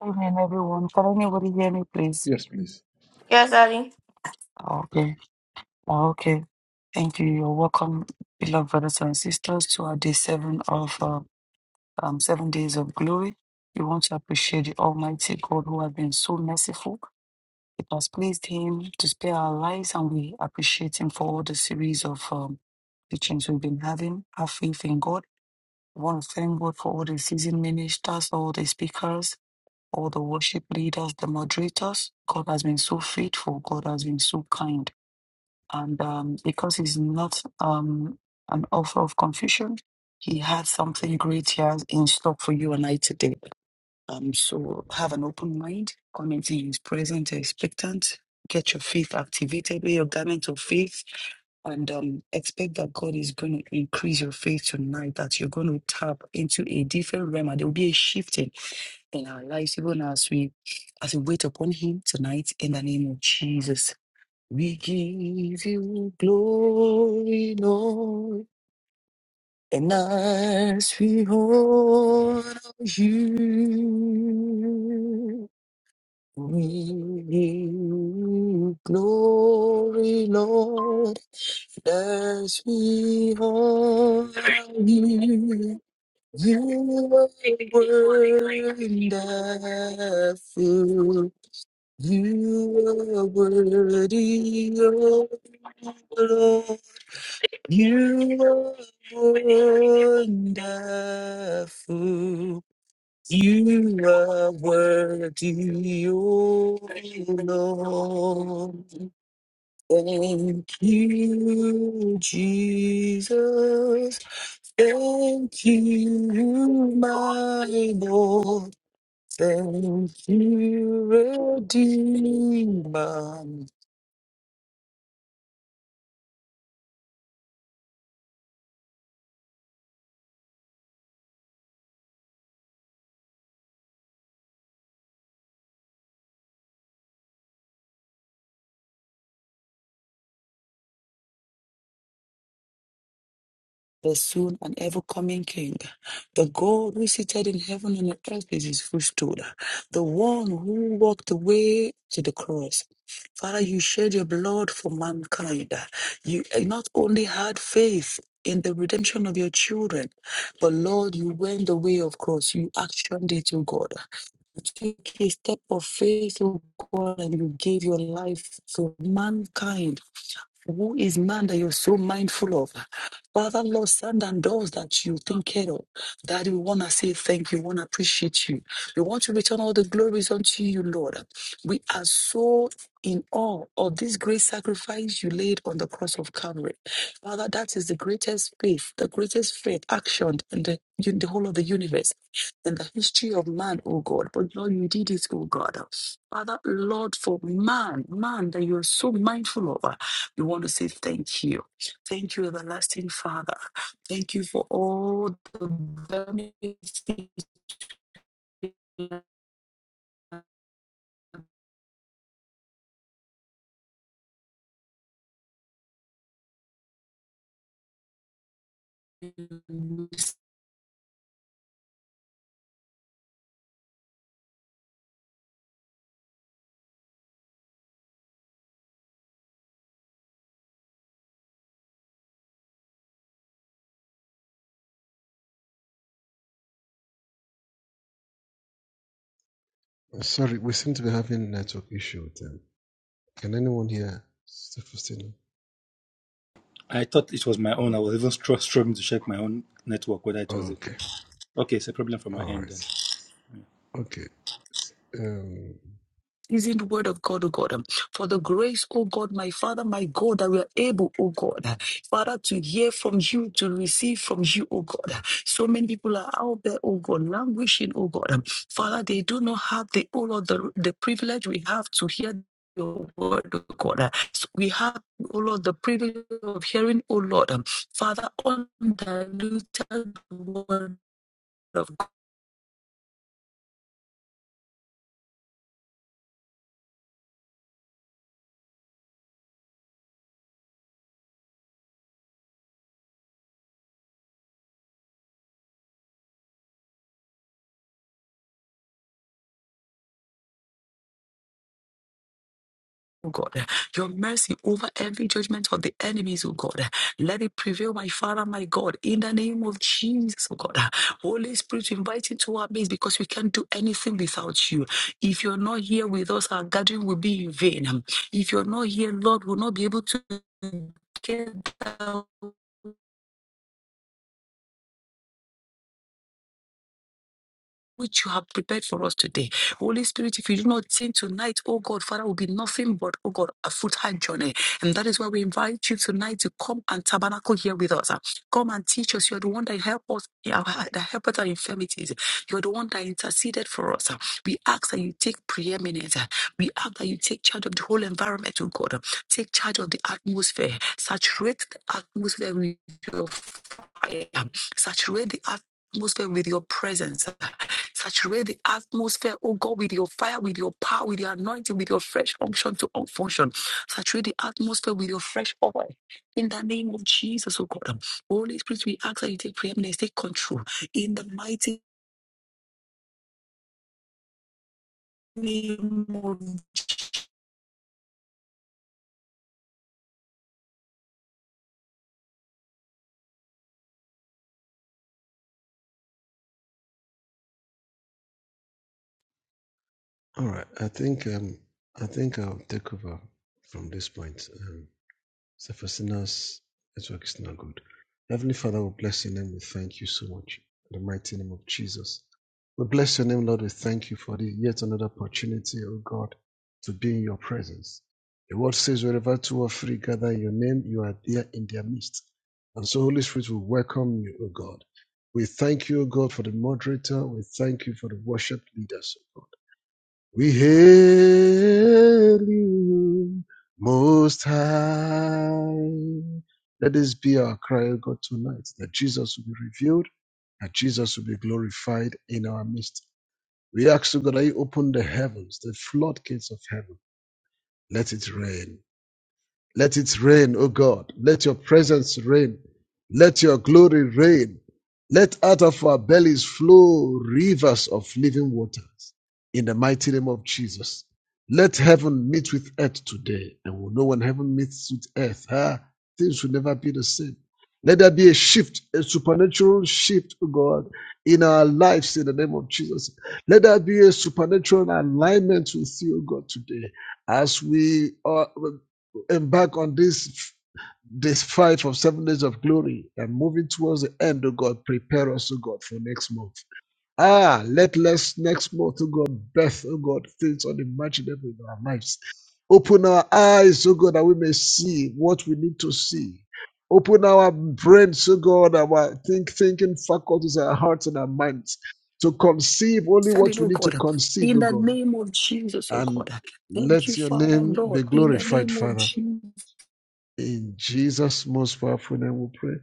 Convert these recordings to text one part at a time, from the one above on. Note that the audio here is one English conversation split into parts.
Amen, everyone. Can anybody hear me, please? Yes, please. Yes, Daddy. Ah, Okay. Ah, Okay. Thank you. You're welcome, beloved brothers and sisters, to our day seven of uh, um, seven days of glory. We want to appreciate the Almighty God who has been so merciful. It has pleased Him to spare our lives, and we appreciate Him for all the series of um, teachings we've been having. Our faith in God. We want to thank God for all the seasoned ministers, all the speakers, all the worship leaders, the moderators. God has been so faithful. God has been so kind. And um, because he's not um, an author of confusion, he has something great here in stock for you and I today. Um, so have an open mind, come into his presence expectant, get your faith activated, wear your garment of faith, and um, expect that God is going to increase your faith tonight, that you're going to tap into a different realm and there will be a shifting in our lives, even as we as we wait upon him tonight in the name of Jesus. We give you glory, Lord, and as we honor you, we give you glory, Lord, as we honor you. You are wonderful. You are worthy, oh Lord. You are wonderful. You are worthy, oh Lord. Thank you, Jesus. Thank you, my Lord. Thank you, Redeemer, the soon and ever coming King, the God who is seated in heaven and on earth is his footstool, the one who walked the way to the cross. Father, you shed your blood for mankind. You eh, not only had faith in the redemption of your children, but Lord, you went the way of cross. You actioned it, O God. You took a step of faith, O God, and you gave your life to mankind. Who is man that you're so mindful of? Father, Lord, stand and doors that you take care of. Daddy, we want to say thank you. We want to appreciate you. We want to return all the glories unto you, Lord. We are so in awe of this great sacrifice you laid on the cross of Calvary. Father, that is the greatest faith, the greatest faith action in the, in the whole of the universe, in the history of man, oh God. But Lord, you did it, oh God. Father, Lord, for man, man that you are so mindful of. You want to say thank you. Thank you, everlasting Father. Thank you for all the benefits you have Uh, Sorry, we seem to be having a network issue with them. Can anyone hear Sister Faustina? I thought it was my own. Okay. I was even str- struggling to check my own network whether it was Oh, it. okay. Okay, it's a problem from my All end then. right. Okay. S- Um, is in the word of God, O God. Um, For the grace, O God, my Father, my God, that we are able, O God, uh, Father, to hear from you, to receive from you, O God. Uh, So many people are out there, O God, languishing, O God. Um, Father, they do not have the all of the, the privilege we have to hear your word, O God. Uh, So we have, O Lord, the privilege of hearing, O Lord. Um, Father, undiluted word. of. oh God. Your mercy over every judgment of the enemies, oh God. Let it prevail, my Father, my God, in the name of Jesus, oh God. Holy Spirit, we invite you to our midst because we can't do anything without you. If you're not here with us, our gathering will be in vain. If you're not here, Lord, we'll not be able to get down. which you have prepared for us today. Holy Spirit, if you do not sing tonight, oh God, Father, will be nothing but, oh God, a foot high journey. And that is why we invite you tonight to come and tabernacle here with us. Ah, Come and teach us. You're the one that help us, yeah, that help us our infirmities. You're the one that interceded for us. Ah, We ask that you take preeminence. Ah, We ask that you take charge of the whole environment, oh God. Ah, Take charge of the atmosphere. Saturate the atmosphere with your fire. Ah, Saturate the atmosphere atmosphere with your presence. Saturate the atmosphere, oh God, with your fire, with your power, with your anointing, with your fresh unction to all function. Saturate the atmosphere with your fresh oil. In the name of Jesus, oh God. Holy Spirit, we ask that you take preeminence, take control. In the mighty name of all right. I think um, I think I'll take over from this point. Um, So for sinners, network is not good. Heavenly Father, we bless your name. We thank you so much. In the mighty name of Jesus. We bless your name, Lord. We thank you for the yet another opportunity, oh God, to be in your presence. The word says, wherever two or three gather in your name, you are there in their midst. And so, Holy Spirit, we welcome you, O God. We thank you, O God, for the moderator. We thank you for the worship leaders, O God. We hail you, Most High. Let this be our cry, O God, tonight, that Jesus will be revealed, that Jesus will be glorified in our midst. We ask, O God, that you open the heavens, the floodgates of heaven. Let it rain. Let it rain, O God. Let your presence reign. Let your glory reign. Let out of our bellies flow rivers of living waters. In the mighty name of Jesus. Let heaven meet with earth today. And we'll know when heaven meets with earth, ah, things will never be the same. Let there be a shift, a supernatural shift, O God, in our lives in the name of Jesus. Let there be a supernatural alignment with you, O God, today as we are embark on this this fight of seven days of glory and moving towards the end, oh God, prepare us, oh God, for next month. Ah, let us next month, oh God, birth, oh God, things unimaginable in our lives. Open our eyes, oh God, that we may see what we need to see. Open our brains, oh God, our think thinking faculties, our hearts and our minds to conceive only send it, what we oh need to God. conceive, In oh the God. name of Jesus, oh And God. Thank you, let your Father, name Lord. be In the glorified, name of Father. Jesus. In Jesus' most powerful name we pray.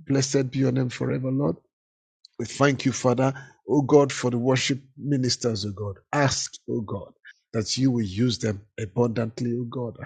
Blessed be your name forever, Lord. We thank you, Father, O God, for the worship ministers, O God. Ask, O God, that you will use them abundantly, O God.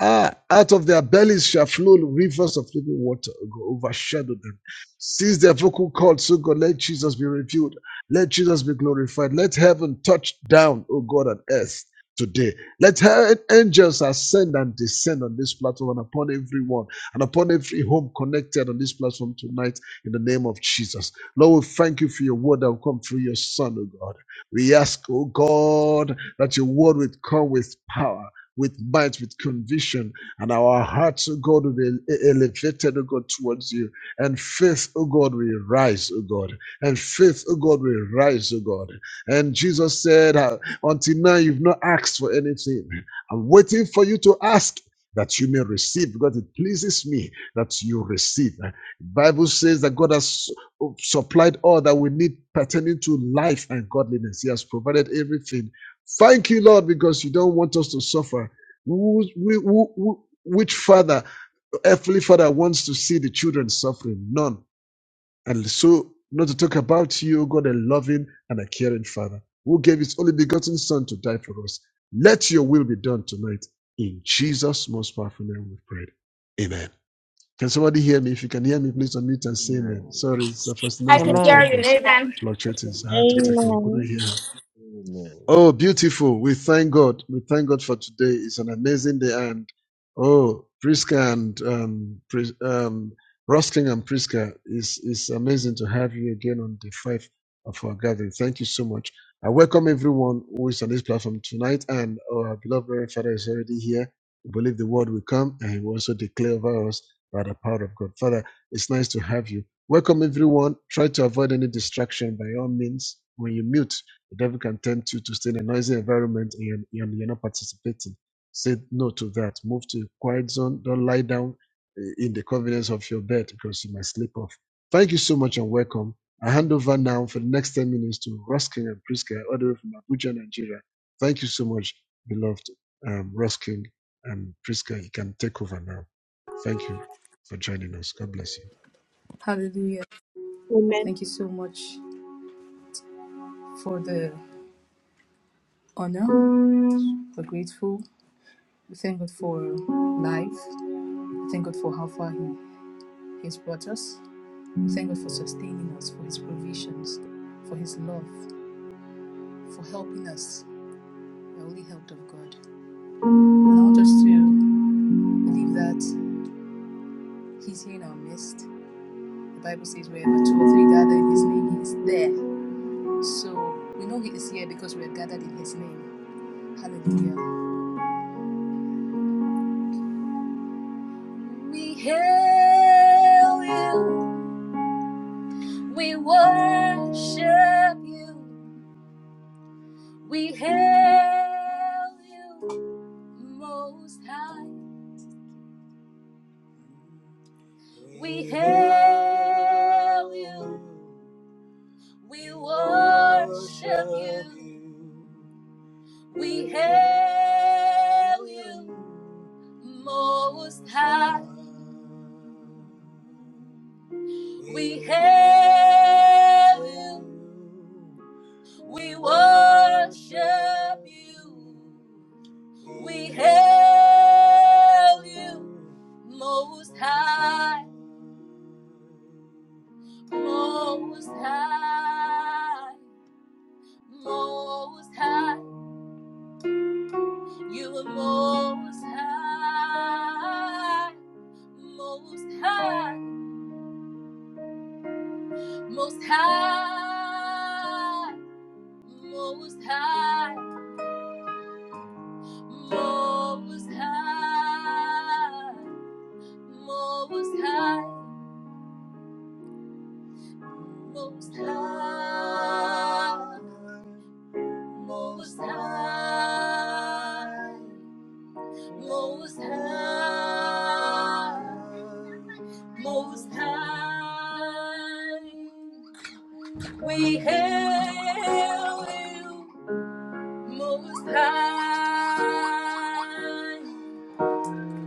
Ah, out of their bellies shall flow rivers of living water, oh God, overshadow them. Seize their vocal cords, oh God, let Jesus be revealed. Let Jesus be glorified. Let heaven touch down, O God, on earth today. Let her angels ascend and descend on this platform and upon everyone and upon every home connected on this platform tonight in the name of Jesus. Lord, we thank you for your word that will come through your Son, O God. We ask, O God, that your word would come with power. With might, with conviction, and our hearts, O God, will be elevated, O God, towards you. And faith, O God, will rise, O God. And faith, O God, will rise, O God. And Jesus said, uh, Until now, you've not asked for anything. I'm waiting for you to ask that you may receive, because it pleases me that you receive. The Bible says that God has supplied all that we need pertaining to life and godliness. He has provided everything. Thank you, Lord, because you don't want us to suffer. Who- who- who- Which father, earthly father, wants to see the children suffering? None. And so, not to talk about you, God, a loving and a caring father who gave his only begotten son to die for us. Let your will be done tonight. In Jesus' most powerful name we pray. Amen. Can somebody hear me? If you can hear me, please unmute and say amen. Amen. Sorry, it's the I Safasina's Amen. network can hear was them. fluctuating, so I had to Amen. take over. Amen. Couldn't hear her. Amen. Oh, beautiful. We thank God. We thank God for today. It's an amazing day. And oh, Priska and um, Pris- um, Rosking and Priska, it's, it's amazing to have you again on the five of our gathering. Thank you so much. I welcome everyone who is on this platform tonight. And our beloved Reverend Father is already here. We believe the word will come and he will also declare over us by the power of God. Father, it's nice to have you. Welcome everyone. Try to avoid any distraction by all means. When you mute, the devil can tempt you to stay in a noisy environment and, you're and you're not participating. Say no to that. Move to a quiet zone. Don't lie down uh, in the convenience of your bed because you might sleep off. Thank you so much and welcome. I hand over now for the next 10 minutes to Ruskin and Priska, all the way from Abuja, Nigeria. Thank you so much, beloved um, Ruskin and Priska. You can take over now. Thank you for joining us. God bless you. Hallelujah. Amen. Thank you so much for the honor. We're grateful. We thank God for life. We thank God for how far He has brought us. We thank God for sustaining us, for His provisions, for His love, for helping us, the only help of God. And I want us to believe that He's here in our midst. The Bible says, wherever two or three gather in His name, He is there. So we know He is here because we are gathered in His name. Hallelujah. We hail you. We worship you. We hail you, Most High. We hail you. We worship you. We hail you, Most High. We hail you. We worship you. We hail you, Most High, Most High, Most High. You are Most High, Most High, Most High, Most High, Most High, Most High, Most High. Most High, Most High, Most High. We hail you, Most High.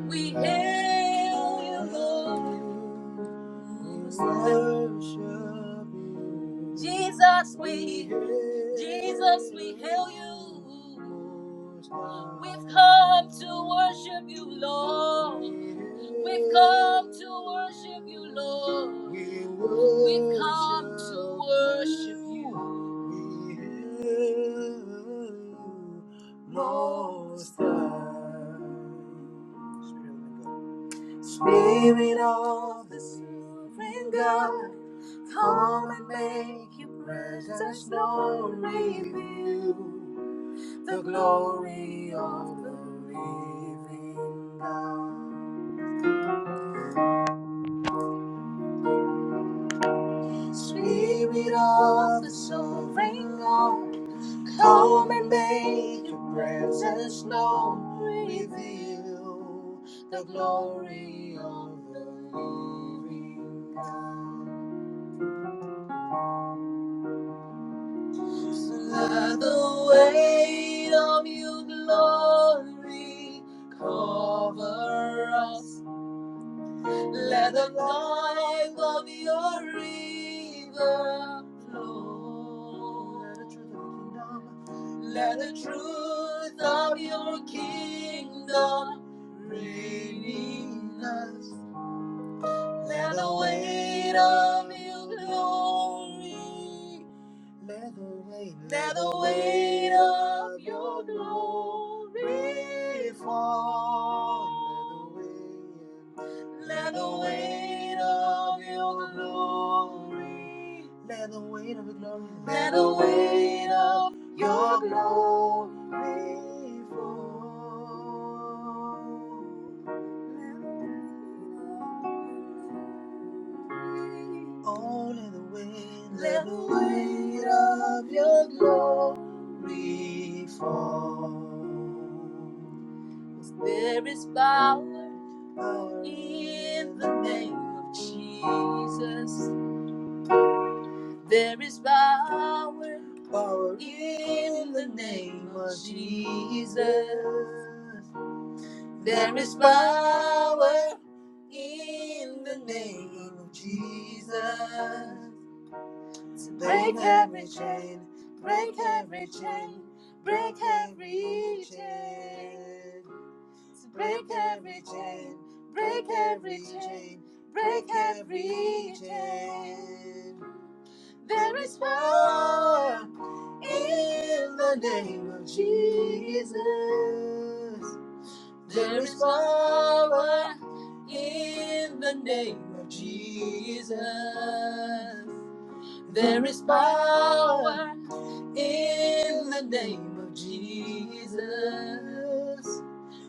We hail you, Most High. Jesus, we, Jesus, we hail you. We've come to worship you, Lord. We've come to worship you, Lord. We've come to worship you. Most High. Spirit of the Sovereign God. Come and make your presence known, reveal the glory of the living God. Spirit of the sovereign God, come and make your presence known, reveal the glory of the living God. Let the weight of your glory cover us. Let the life of your river flow. Let the truth of your kingdom. reign in us. Let the weight of your glory let the weight, let the weight of your glory fall. Let the weight of your glory, let the weight of your glory, let the weight of your glory fall. Only the weight, let the weight of your glory. we fall. There is power in There is power in the name of Jesus. There is power in the name of Jesus. Break every chain, break every chain, break every chain. Break every chain, break every chain, break every chain. There is power in the name of Jesus. There is power in the name of Jesus. There is power in the name of Jesus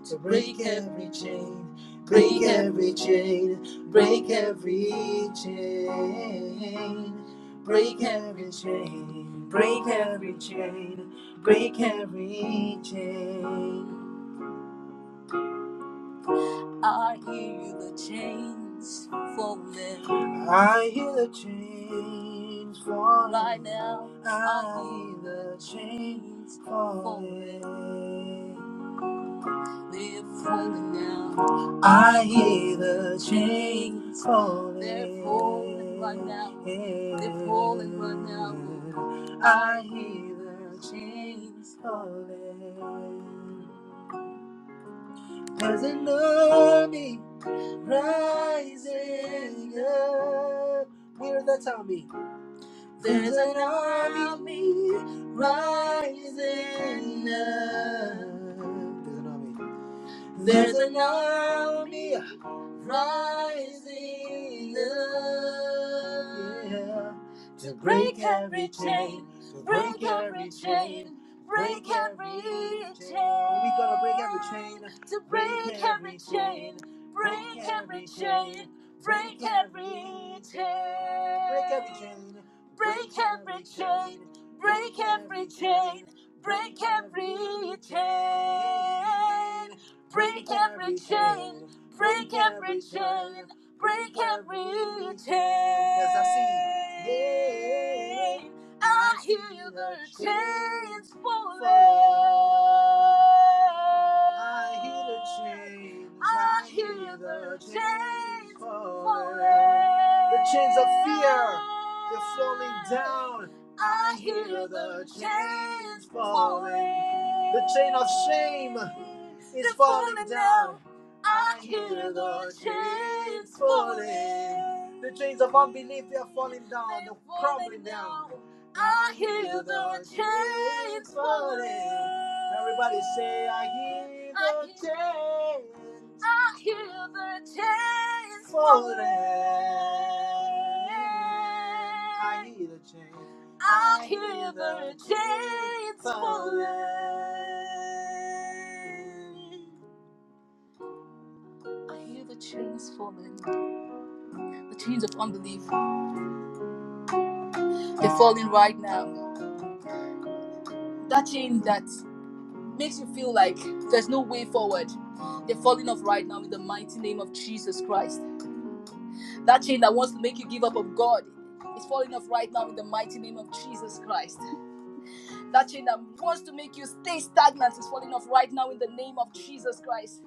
to break every chain, break every chain, break every chain, break every chain, break every chain, break every chain. I hear the chains falling. I hear the chains falling. Right now, I hear the chains falling. Live for me now. I hear the chains falling. They're falling right now. They're falling right now. I hear the chains falling. There's an army rising up. Hear that army. There's an army rising up. There's an army. There's an army. rising up yeah. to break every chain, to break every chain, break every chain. We gotta break every chain, to break every chain, break every chain, break every chain, break every chain, break every chain, break every chain, break every chain break every chain, Break every chain. Break every chain. Yes, I see. I hear the chains falling. I hear the chains. I hear the chains falling. The chains of fear. They're falling down. I hear the chains falling. The chain of shame is falling down. I hear the chains falling. The chains of unbelief are falling down, they're crumbling down. I hear the chains falling. Everybody say, I hear the chains. I hear the chains falling. I hear the chains. I hear the chains falling. I hear the chains falling, the chains of unbelief. They're falling right now. That chain that makes you feel like there's no way forward. They're falling off right now in the mighty name of Jesus Christ. That chain that wants to make you give up on God is falling off right now in the mighty name of Jesus Christ. That chain that wants to make you stay stagnant is falling off right now in the name of Jesus Christ.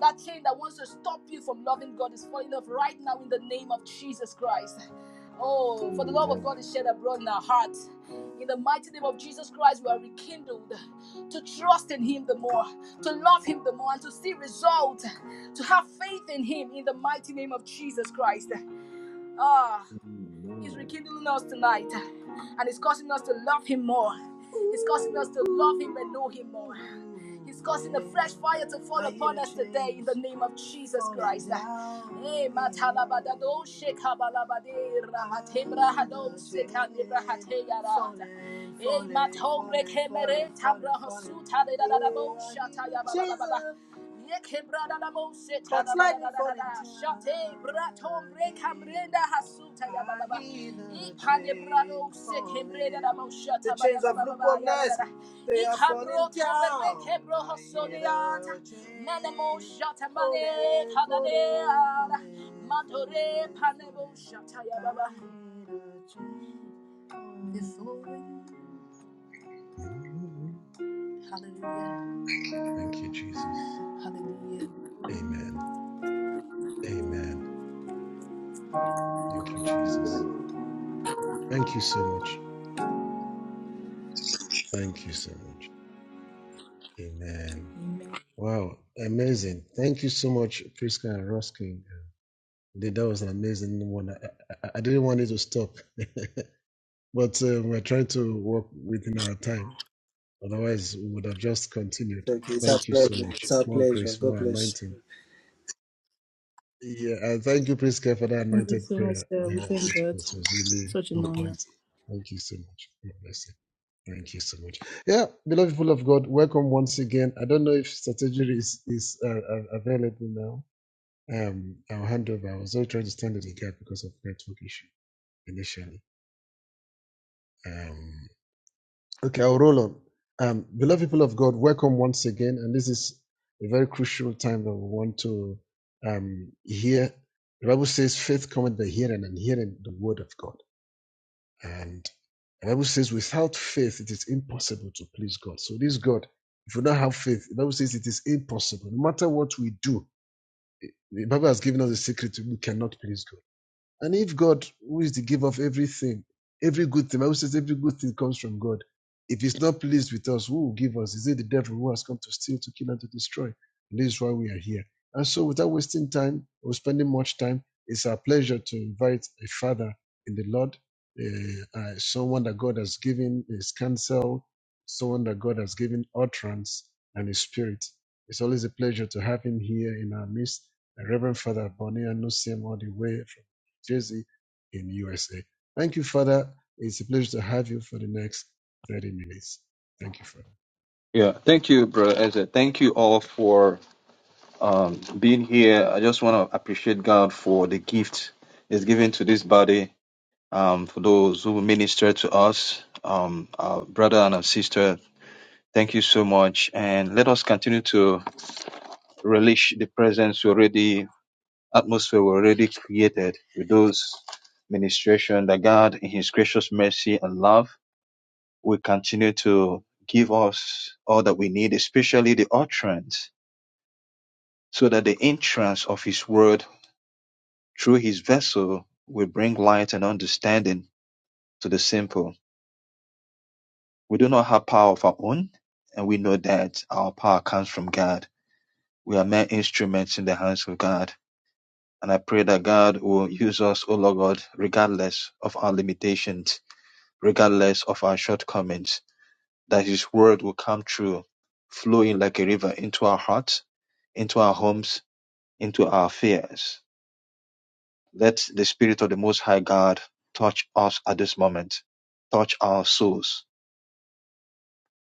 That chain that wants to stop you from loving God is falling off right now in the name of Jesus Christ. Oh, for the love of God Amen. is shed abroad in our hearts. In the mighty name of Jesus Christ, we are rekindled to trust in Him the more, to love Him the more, and to see results, to have faith in Him in the mighty name of Jesus Christ. Ah. He's Amen. rekindling us tonight and it's causing us to love Him more. It's causing us to love Him and know Him more. He's causing the fresh fire to fall upon us today in the name of Jesus Christ. Eh, matalabadado shekabalabade rahatebra hadosekanibrahateyara. Eh, matongre kemere tambrahosu tadedadadabo shatayabalababa. Yekebradadabo setadadadadadada. Shatebratombre kamrenda hasuta they are falling down. Oh, Hallelujah. Thank you, Jesus. Hallelujah. Amen. Amen. Thank you, Jesus. Amen. Thank you so much. Thank you so much. Amen. Amen. Wow, amazing. Thank you so much, Priska and Ruskin. That was an amazing one. I, I, I didn't want it to stop, but uh, we're trying to work within our time. Otherwise, we would have just continued. Okay, it's our Thank you so pleasure. much. It's our More pleasure. grace, God more bless. anointing. Yeah, and thank you, Priska, for that Thank you anointed so much, prayer. sir. We Yeah, thank it God. was, it was really Such an on honor. point. Thank you so much. God bless you. Thank you so much. Yeah, beloved people of God, welcome once again. I don't know if strategy is is uh, uh, available now. Um, I'll hand over. I was all trying to stand in the gap because of network issue initially. Um, okay, I'll roll on. Um, beloved people of God, welcome once again, and this is a very crucial time that we want to um hear. The Bible says, "Faith cometh by hearing, and hearing the word of God." And the Bible says, without faith, it is impossible to please God. So this God, if we don't have faith, the Bible says it is impossible. No matter what we do, the Bible has given us a secret we cannot please God. And if God, who is the giver of everything, every good thing, Bible says every good thing comes from God. If He's not pleased with us, who will give us? Is it the devil who has come to steal, to kill, and to destroy? And this is why we are here. And so, without wasting time or spending much time, it's our pleasure to invite a father in the Lord, uh, uh, someone that God has given His counsel, someone that God has given utterance and His Spirit. It's always a pleasure to have him here in our midst. The Reverend Father Bonnie, I know him all the way Jersey in USA. Thank you, Father. It's a pleasure to have you for the next 30 minutes. Thank you, Father. Yeah, thank you, Brother Ezra. Thank you all for um, being here. I just want to appreciate God for the gift He's given to this body, um, for those who minister to us, um, our brother and our sister. Thank you so much. And let us continue to relish the presence we already, atmosphere we already created with those ministration that God, in His gracious mercy and love, will continue to give us all that we need, especially the utterance so that the entrance of his word through his vessel will bring light and understanding to the simple. We do not have power of our own, and we know that our power comes from God. We are mere instruments in the hands of God. And I pray that God will use us, O Lord God, regardless of our limitations, regardless of our shortcomings, that His word will come true, flowing like a river into our hearts, into our homes, into our affairs Let the Spirit of the Most High God touch us at this moment. Touch our souls.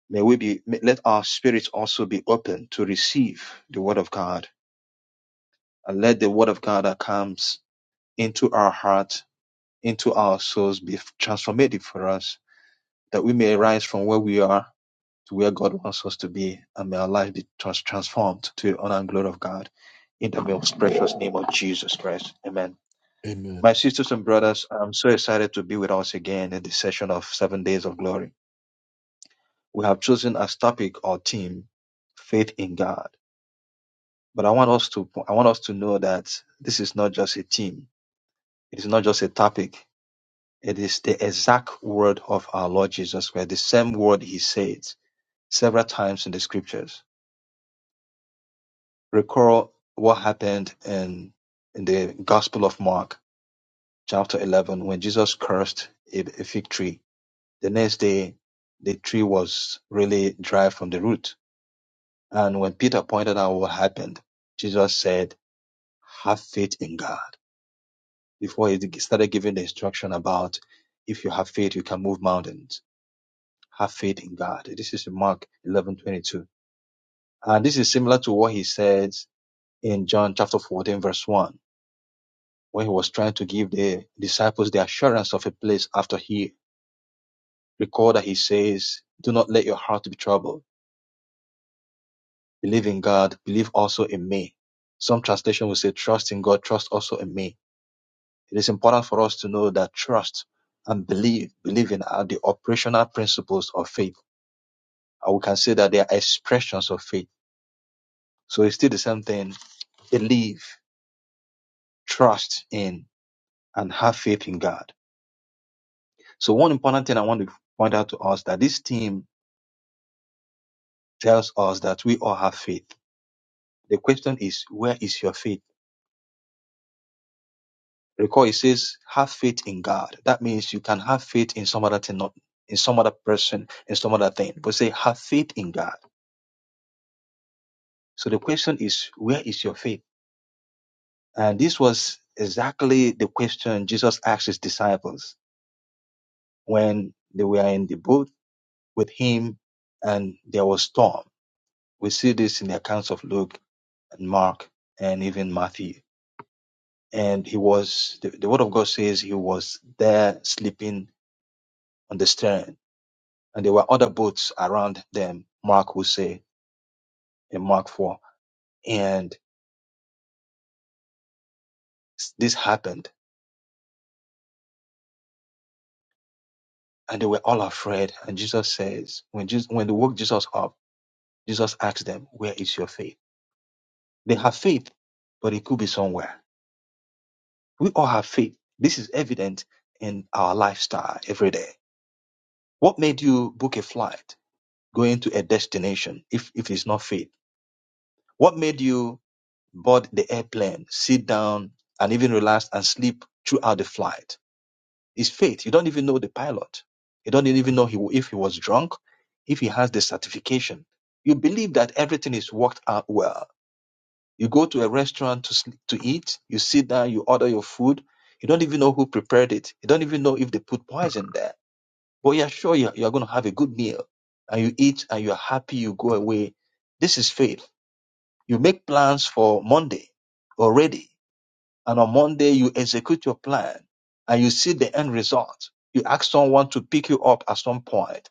May we be, may- let our spirits also be open to receive the Word of God and let the Word of God that comes into our heart, into our souls be transformative for us that we may rise from where we are to where God wants us to be and may our life be trans- transformed to the honor and glory of God in the most precious name of Jesus Christ. Amen. Amen. My sisters and brothers, I'm so excited to be with us again in this session of Seven Days of Glory. We have chosen as topic or theme faith in God. But I want us to I want us to know that this is not just a theme. It is not just a topic. It is the exact word of our Lord Jesus Christ, the same word he said several times in the scriptures. Recall what happened in in the Gospel of Mark, chapter 11, when Jesus cursed a, a fig tree The next day, the tree was really dry from the root. And when Peter pointed out what happened, Jesus said, Have faith in God. Before he started giving the instruction about if you have faith, you can move mountains. Have faith in God. This is in Mark 11:22, And this is similar to what he said in John chapter 14, verse 1, when he was trying to give the disciples the assurance of a place after he recalled that he says, Do not let your heart be troubled Believe in God, believe also in me. Some translation will say trust in God, trust also in me. It is important for us to know that trust and believe, believing are the operational principles of faith. And we can say that they are expressions of faith. So it's still the same thing. Believe, trust in, and have faith in God. So one important thing I want to point out to us that this team tells us that we all have faith. The question is, where is your faith? Recall it says, have faith in God. That means you can have faith in some other thing, not in some other person, in some other thing. But say, have faith in God. So the question is, where is your faith? And this was exactly the question Jesus asked his disciples when they were in the boat with him and there was storm. We see this in the accounts of Luke and Mark and even Matthew. And he was, the, the word of God says he was there sleeping on the stern and there were other boats around them, Mark will say in Mark 4. And s- this happened, and they were all afraid. And Jesus says, when, Jesus, when they woke Jesus up, Jesus asked them, Where is your faith? They have faith, but it could be somewhere. We all have faith. This is evident in our lifestyle every day. What made you book a flight going to a destination if, if it's not faith? What made you board the airplane, sit down, and even relax and sleep throughout the flight? It's faith. You don't even know the pilot. You don't even know he, if he was drunk, if he has the certification. You believe that everything is worked out well. You go to a restaurant to, sl- to eat, you sit down, you order your food. You don't even know who prepared it. You don't even know if they put poison there. But you're sure you're, you're going to have a good meal. And you eat and you're happy, you go away. This is faith. You make plans for Monday already and on Monday you execute your plan and you see the end result. You ask someone to pick you up at some point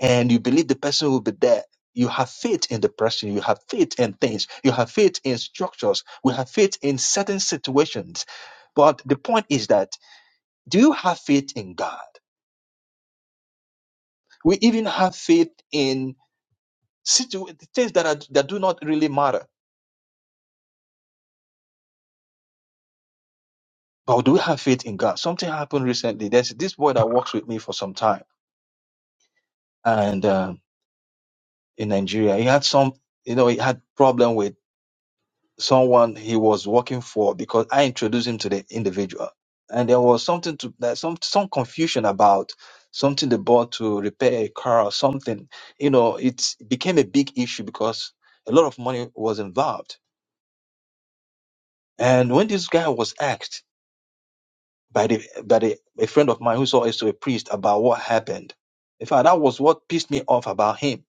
and you believe the person will be there. You have faith in the person. You have faith in things. You have faith in structures. We have faith in certain situations. But the point is that do you have faith in God? We even have faith in situ- things that, are, that do not really matter. But do we have faith in God? Something happened recently. There's this boy that works with me for some time. And um, in Nigeria. He had some, you know, he had problem with someone he was working for because I introduced him to the individual, and there was something to that some some confusion about something they bought to repair a car or something. You know, it became a big issue because a lot of money was involved. And when this guy was asked by the by the, a friend of mine who's also a priest about what happened, in fact, that was what pissed me off about him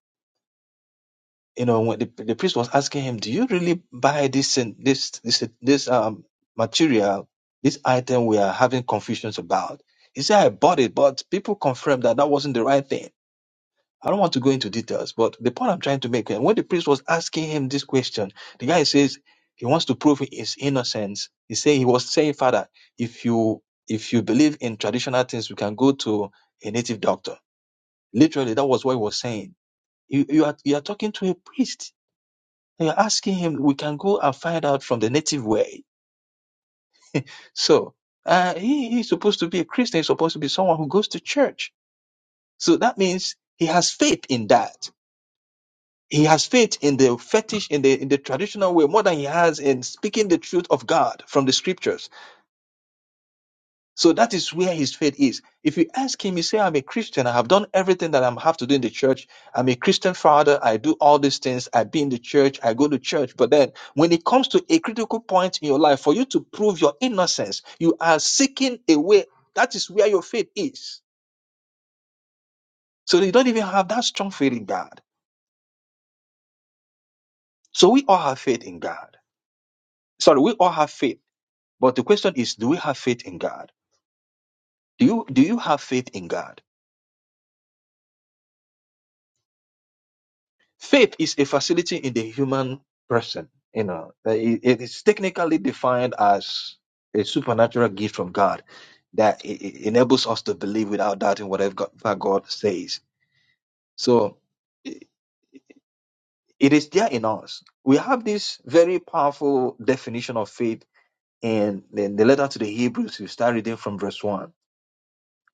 you know, when the, the priest was asking him, "Do you really buy this and this this this um material, this item we are having confusions about?" He said, "I bought it, but people confirmed that that wasn't the right thing." I don't want to go into details, but the point I'm trying to make, and when the priest was asking him this question, the guy says he wants to prove his innocence. He say he was saying, "Father, if you if you believe in traditional things, we can go to a native doctor." Literally, that was what he was saying. You you are you are talking to a priest you are asking him, we can go and find out from the native way. So uh, he, he's supposed to be a Christian. He's supposed to be someone who goes to church. So that means he has faith in that. He has faith in the fetish, in the in the traditional way, more than he has in speaking the truth of God from the scriptures. So that is where his faith is. If you ask him, he say, I'm a Christian. I have done everything that I am have to do in the church. I'm a Christian father. I do all these things. I be in the church. I go to church. But then when it comes to a critical point in your life, for you to prove your innocence, you are seeking a way. That is where your faith is. So you don't even have that strong faith in God. So we all have faith in God. Sorry, we all have faith. But the question is, do we have faith in God? Do you, do you have faith in God? Faith is a facility in the human person. You know, it it is technically defined as a supernatural gift from God that e- e- enables us to believe without doubting whatever God that God says. So i- it is there in us. We have this very powerful definition of faith in the, the letter to the Hebrews. You start reading from verse one.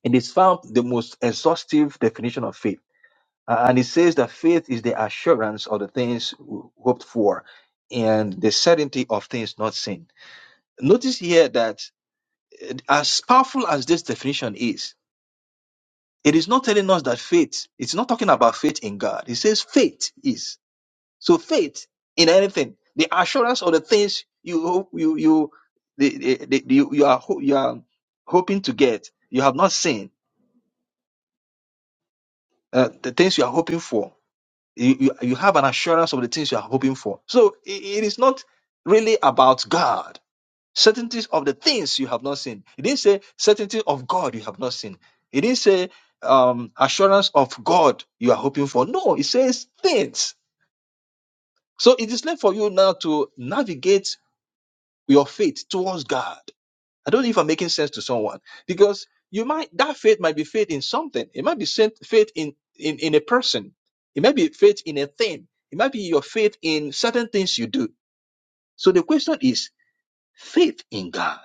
It is found the most exhaustive definition of faith Uh, and it says that faith is the assurance of the things ho- hoped for and the certainty of things not seen. Notice here that uh, as powerful as this definition is, it is not telling us that faith, it's not talking about faith in God. It says faith is. So faith in anything, the assurance of the things you hope you you the, the, the, you, you are ho- you are hoping to get, you have not seen, uh, the things you are hoping for you, you, you have an assurance of the things you are hoping for. So i- it is not really about God. Certainties of the things you have not seen. It didn't say certainty of God you have not seen. It didn't say um, assurance of God you are hoping for. No, it says things. So it is left for you now to navigate your faith towards God. I don't know if I'm making sense to someone because you might that faith might be faith in something. It might be sen- faith in, in in a person. It might be faith in a thing. It might be your faith in certain things you do. So the question is faith in God.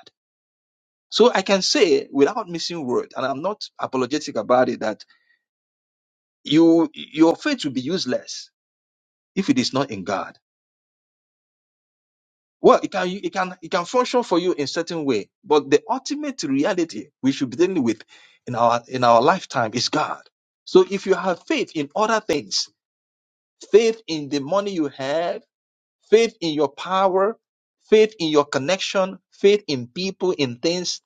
So I can say without missing word, and I'm not apologetic about it, that you your faith will be useless if it is not in God. Well, it can it can it can function for you in certain way, but the ultimate reality we should be dealing with in our in our lifetime is God. So if you have faith in other things, faith in the money you have, faith in your power, faith in your connection, faith in people, in things,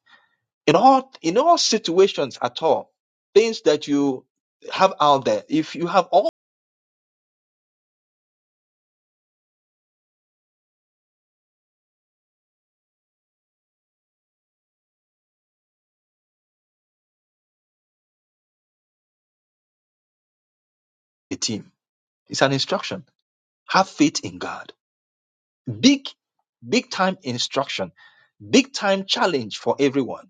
in all in all situations at all, things that you have out there, if you have all the team, it's an instruction. Have faith in God Big, big time instruction, big time challenge for everyone.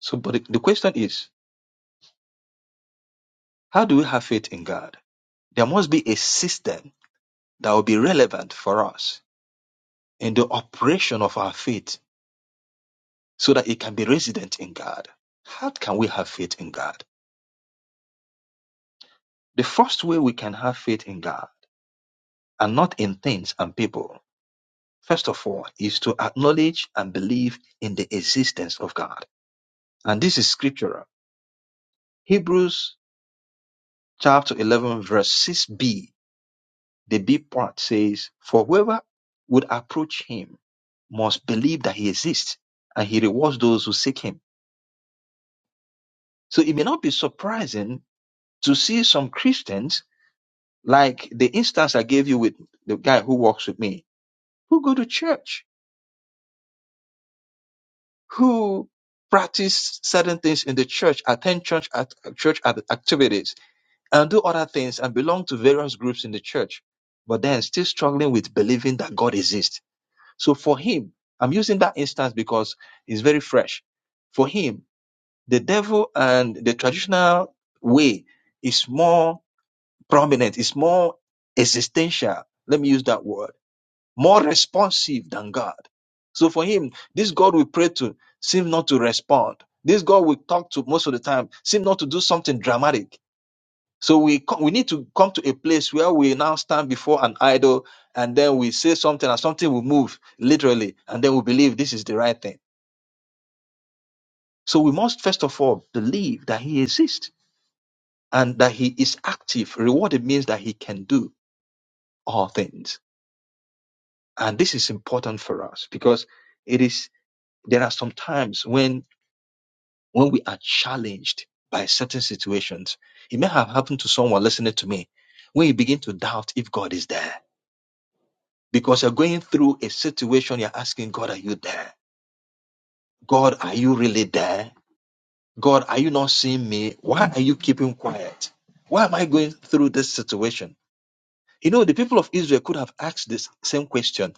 So, but the the question is, how do we have faith in God? There must be a system that will be relevant for us in the operation of our faith so that it can be resident in God. How can we have faith in God? The first way we can have faith in God and not in things and people first of all, is to acknowledge and believe in the existence of God. And this is scriptural. Hebrews chapter 11 verse 6b, the B part says, for whoever would approach him must believe that he exists and he rewards those who seek him. So it may not be surprising to see some Christians like the instance I gave you with the guy who walks with me, who go to church, who practice certain things in the church, attend church at church at- activities, and do other things and belong to various groups in the church, but then still struggling with believing that God exists So for him, I'm using that instance because it's very fresh. For him, the devil and the traditional way is more prominent, is more existential. Let me use that word. More responsive than God. So for him, this God we pray to seems not to respond. This God we talk to most of the time seems not to do something dramatic so we co- we need to come to a place where we now stand before an idol and then we say something and something will move literally and then we believe this is the right thing. So we must first of all believe that he exists and that he is active. Rewarded means that he can do all things. And this is important for us because it is there are some times when when we are challenged by certain situations. It may have happened to someone listening to me when you begin to doubt if God is there because you're going through a situation, you're asking, God, are you there? God, are you really there? God, are you not seeing me? Why are you keeping quiet? Why am I going through this situation? You know, the people of Israel could have asked this same question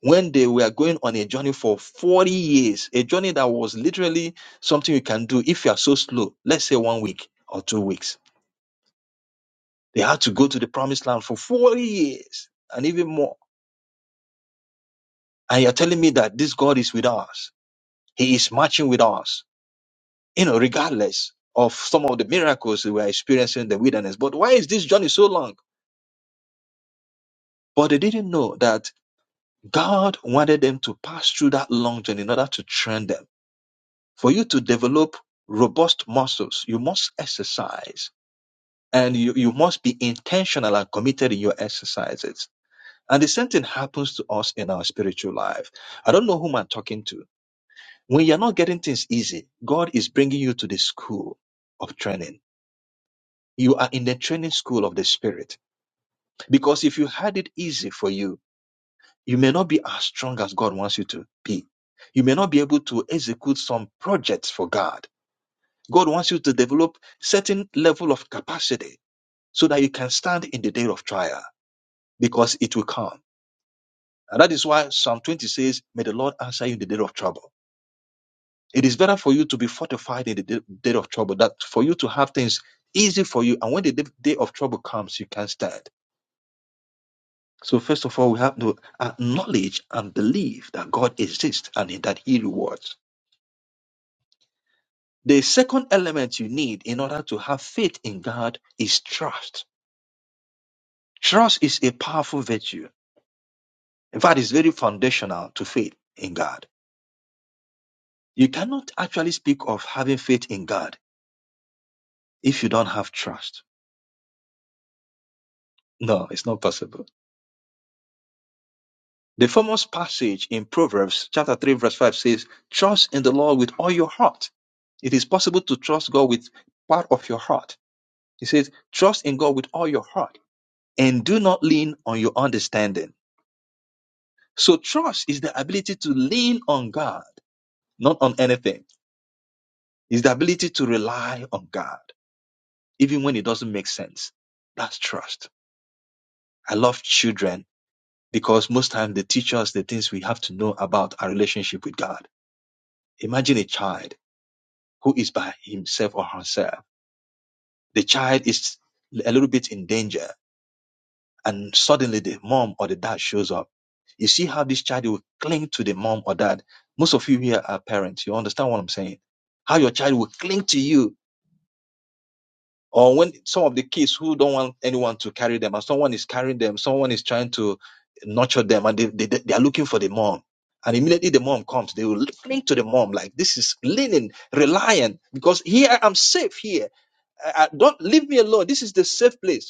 when they were going on a journey for 40 years, a journey that was literally something you can do if you are so slow, let's say one week or two weeks. They had to go to the promised land for 40 years and even more. And you're telling me that this God is with us. He is marching with us. you know, regardless of some of the miracles we were experiencing in the wilderness. But why is this journey so long? But they didn't know that God wanted them to pass through that long journey in order to train them. For you to develop robust muscles, you must exercise and you, you must be intentional and committed in your exercises. And the same thing happens to us in our spiritual life. I don't know whom I'm talking to. When you're not getting things easy, God is bringing you to the school of training. You are in the training school of the spirit Because if you had it easy for you, you may not be as strong as God wants you to be. You may not be able to execute some projects for God. God wants you to develop certain level of capacity so that you can stand in the day of trial because it will come. And that is why Psalm 20 says, may the Lord answer you in the day of trouble. It is better for you to be fortified in the day day of trouble that for you to have things easy for you. And when the day day of trouble comes, you can stand. So first of all, we have to acknowledge and believe that God exists and that He rewards. The second element you need in order to have faith in God is trust. Trust is a powerful virtue. In fact, it's very foundational to faith in God. You cannot actually speak of having faith in God if you don't have trust. No, it's not possible. The famous passage in Proverbs chapter 3 verse 5 says, trust in the Lord with all your heart. It is possible to trust God with part of your heart He says, trust in God with all your heart and do not lean on your understanding. So trust is the ability to lean on God, not on anything. It's the ability to rely on God, even when it doesn't make sense. That's trust. I love children because most times they teach us the things we have to know about our relationship with God. Imagine a child who is by himself or herself. The child is a little bit in danger and suddenly the mom or the dad shows up. You see how this child will cling to the mom or dad. Most of you here are parents. You understand what I'm saying? How your child will cling to you. Or when some of the kids who don't want anyone to carry them, and someone is carrying them, someone is trying to nurture them, and they, they, they are looking for the mom. And immediately the mom comes, they will cling to the mom like this is leaning, reliant, because here I'm safe here. I, I- don't leave me alone. This is the safe place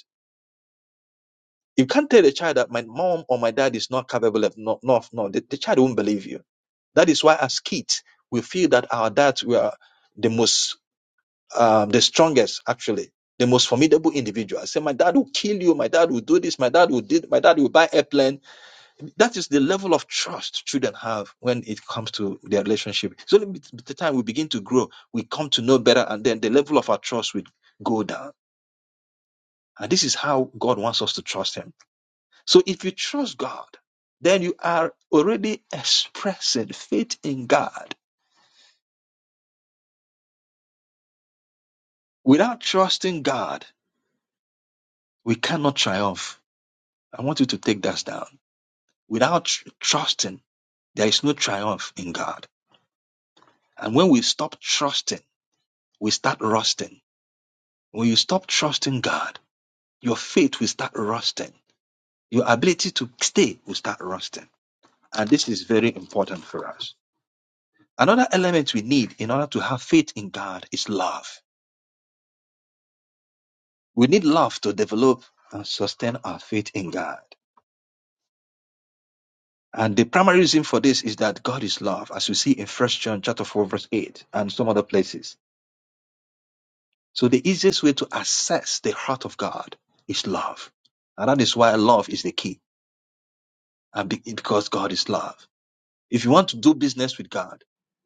You can't tell a child that my mom or my dad is not capable of no no no. The, the child won't believe you. That is why as kids we feel that our dads were the most um, the strongest actually, the most formidable individual. I say my dad will kill you, my dad will do this, my dad will did my dad will buy airplane. That is the level of trust children have when it comes to their relationship. It's only with the time we begin to grow, we come to know better, and then the level of our trust will go down. And this is how God wants us to trust Him. So if you trust God, then you are already expressing faith in God. Without trusting God, we cannot triumph. I want you to take that down. Without tr- trusting, there is no triumph in God. And when we stop trusting, we start rusting. When you stop trusting God, your faith will start rusting. Your ability to stay will start rusting. And this is very important for us. Another element we need in order to have faith in God is love We need love to develop and sustain our faith in God. And the primary reason for this is that God is love, as we see in First John chapter 4, verse 8, and some other places. So the easiest way to assess the heart of God is love. And that is why love is the key. And be- because God is love. If you want to do business with God,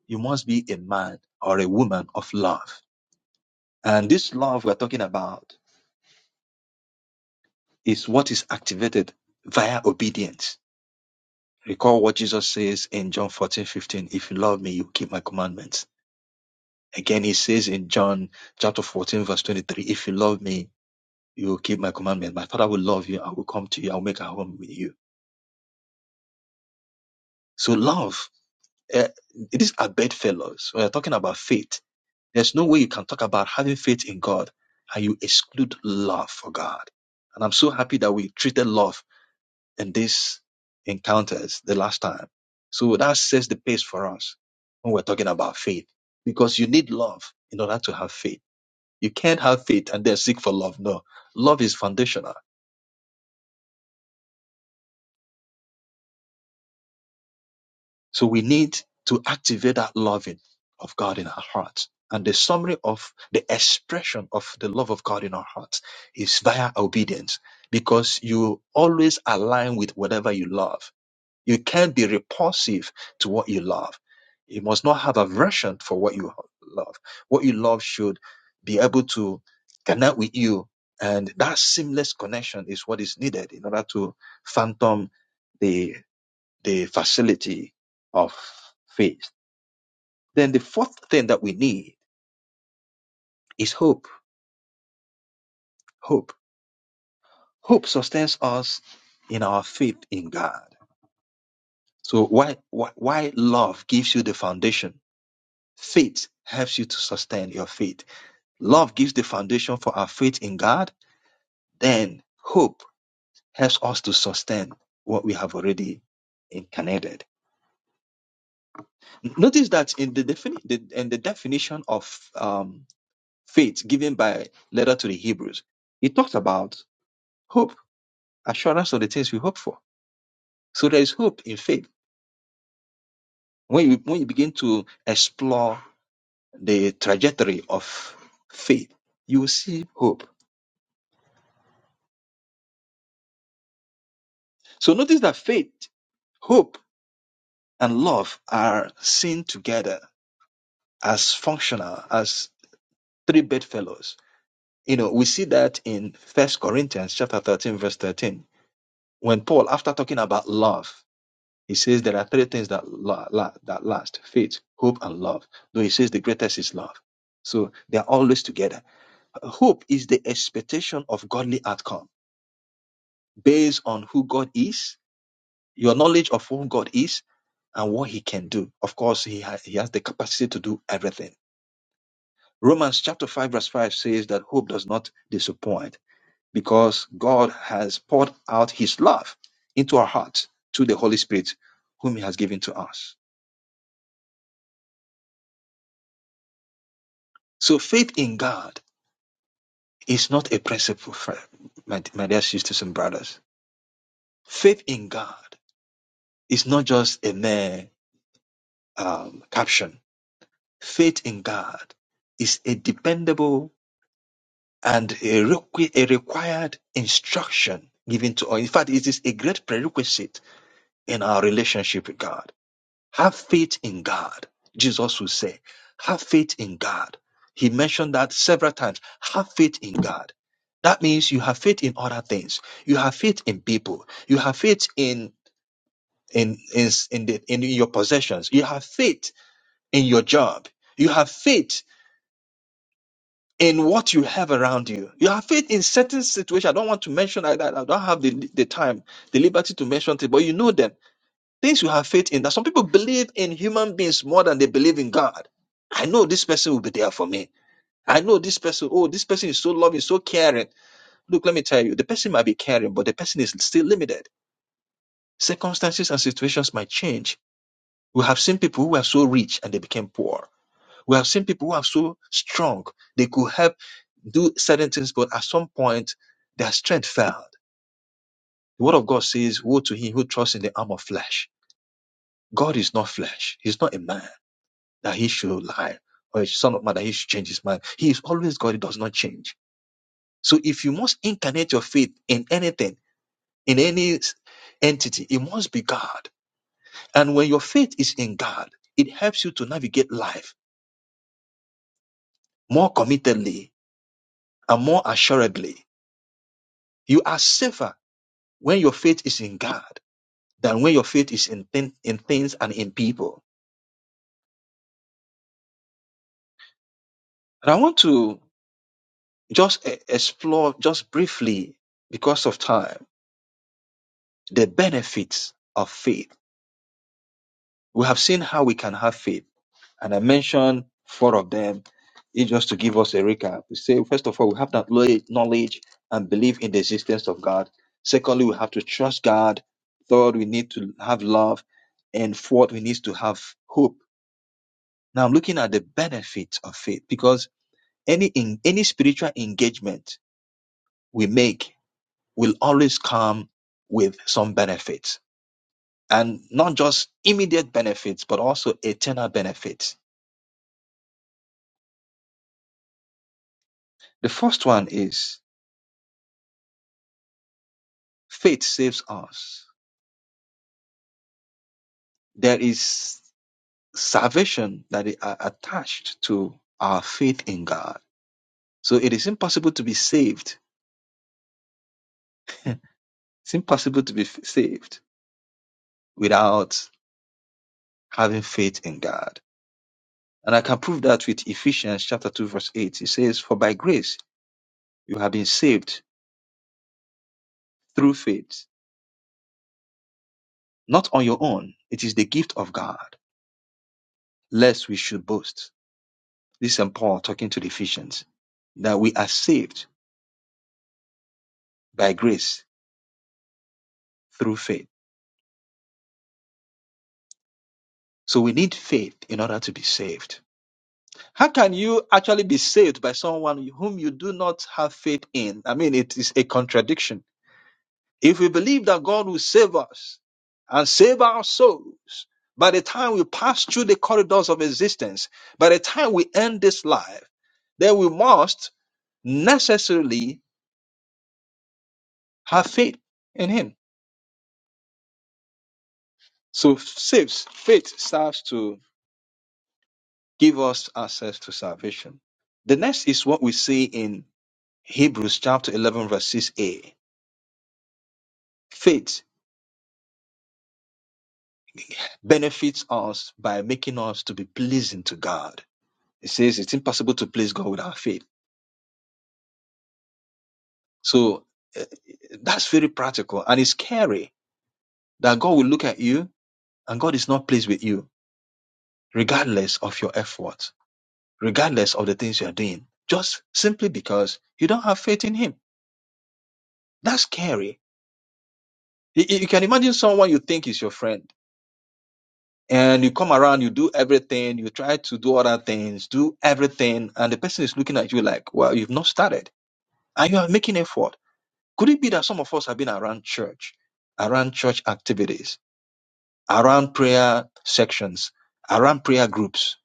you must be a man or a woman of love. And this love we're talking about is what is activated via obedience Recall what Jesus says in John 14 15. If you love me, you keep my commandments. Again, he says in John chapter 14, verse 23, if you love me, you will keep my commandments. My father will love you. I will come to you. I will make a home with you. So love, uh, these are bedfellows. When you're talking about faith, there's no way you can talk about having faith in God and you exclude love for God. And I'm so happy that we treated love in these encounters the last time. So that sets the pace for us when we're talking about faith because you need love in order to have faith. You can't have faith and then seek for love. No, love is foundational. So we need to activate that loving of God in our hearts. And the summary of the expression of the love of God in our hearts is via obedience because you always align with whatever you love You can't be repulsive to what you love. You must not have aversion for what you love. What you love should be able to connect with you. And that seamless connection is what is needed in order to phantom the, the facility of faith. Then the fourth thing that we need is hope. Hope. Hope sustains us in our faith in God. So why, why, why love gives you the foundation Faith helps you to sustain your faith. Love gives the foundation for our faith in God. Then hope helps us to sustain what we have already incarnated. Notice that in the, defini- the, in the definition of um, faith given by letter to the Hebrews, it talks about hope, assurance of the things we hope for. So there is hope in faith. When you, when you begin to explore the trajectory of faith, you will see hope. So notice that faith, hope, and love are seen together as functional as three bedfellows. You know, we see that in First Corinthians chapter 13, verse 13, when Paul, after talking about love, he says there are three things that la- la- that last: faith, hope, and love. Though he says the greatest is love. So they are always together. Hope is the expectation of godly outcome based on who God is, your knowledge of who God is, and what He can do. Of course, He has, He has the capacity to do everything Romans chapter 5 verse 5 says that hope does not disappoint because God has poured out his love into our hearts through the Holy Spirit whom he has given to us. So faith in God is not a principle, fri- my, my dear sisters and brothers. Faith in God is not just a mere um, caption. Faith in God is a dependable and a, requi- a required instruction given to us. In fact, it is a great prerequisite in our relationship with God. Have faith in God. Jesus will say, have faith in God. He mentioned that several times. Have faith in God. That means you have faith in other things. You have faith in people. You have faith in in in in, the, in your possessions. You have faith in your job. You have faith in what you have around you. You have faith in certain situations. I don't want to mention like that. I don't have the, the time, the liberty to mention it, but you know them Things you have faith in that some people believe in human beings more than they believe in God. I know this person will be there for me. I know this person, oh, this person is so loving, so caring. Look, let me tell you, the person might be caring, but the person is still limited. Circumstances and situations might change. We have seen people who were so rich and they became poor. We have seen people who are so strong, they could help do certain things, but at some point, their strength failed. The word of God says, Woe to him who trusts in the arm of flesh. God is not flesh, He's not a man. that he should lie, or a son of man that he should change his mind. He is always God, he does not change. So if you must incarnate your faith in anything, in any entity, it must be God. And when your faith is in God, it helps you to navigate life more committedly and more assuredly. You are safer when your faith is in God than when your faith is in, thin- in things and in people. And I want to just e- explore just briefly because of time the benefits of faith We have seen how we can have faith, and I mentioned four of them. It just to give us a recap. We say first of all, we have that lo- knowledge and belief in the existence of God. Secondly, we have to trust God. Third, we need to have love, and fourth, we need to have hope. Now, I'm looking at the benefits of faith because any in, any spiritual engagement we make will always come with some benefits, and not just immediate benefits, but also eternal benefits The first one is faith saves us. There is salvation that is a- attached to our faith in God. So it is impossible to be saved. It's impossible to be f- saved without having faith in God. And I can prove that with Ephesians chapter 2 verse 8. It says, For by grace you have been saved through faith, not on your own. It is the gift of God, lest we should boast. This is St. Paul talking to the Ephesians, that we are saved by grace through faith. So we need faith in order to be saved. How can you actually be saved by someone whom you do not have faith in? I mean, it is a contradiction. If we believe that God will save us and save our souls, by the time we pass through the corridors of existence, by the time we end this life, then we must necessarily have faith in Him. So faith, faith starts to give us access to salvation. The next is what we see in Hebrews chapter 11 verse 6a. Faith benefits us by making us to be pleasing to God. It says it's impossible to please God without faith. So uh, that's very practical and it's scary that God will look at you and God is not pleased with you regardless of your efforts, regardless of the things you are doing, just simply because you don't have faith in him. That's scary. you- you can imagine someone you think is your friend and you come around, you do everything, you try to do other things, do everything, and the person is looking at you like, well, you've not started, and you are making effort. Could it be that some of us have been around church, around church activities, around prayer sections, around prayer groups,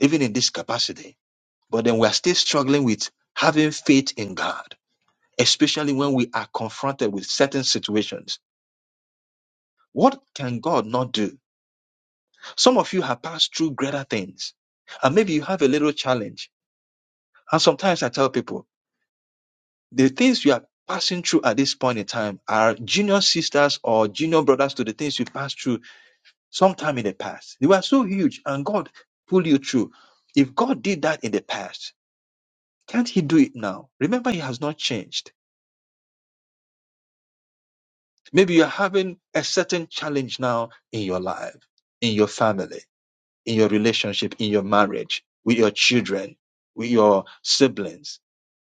even in this capacity, but then we are still struggling with having faith in God, especially when we are confronted with certain situations. What can God not do? Some of you have passed through greater things, and maybe you have a little challenge And sometimes I tell people, the things you are passing through at this point in time are junior sisters or junior brothers to the things you passed through sometime in the past. They were so huge and God pulled you through. If God did that in the past, can't He do it now? Remember, He has not changed. Maybe you're having a certain challenge now in your life, in your family, in your relationship, in your marriage, with your children, with your siblings,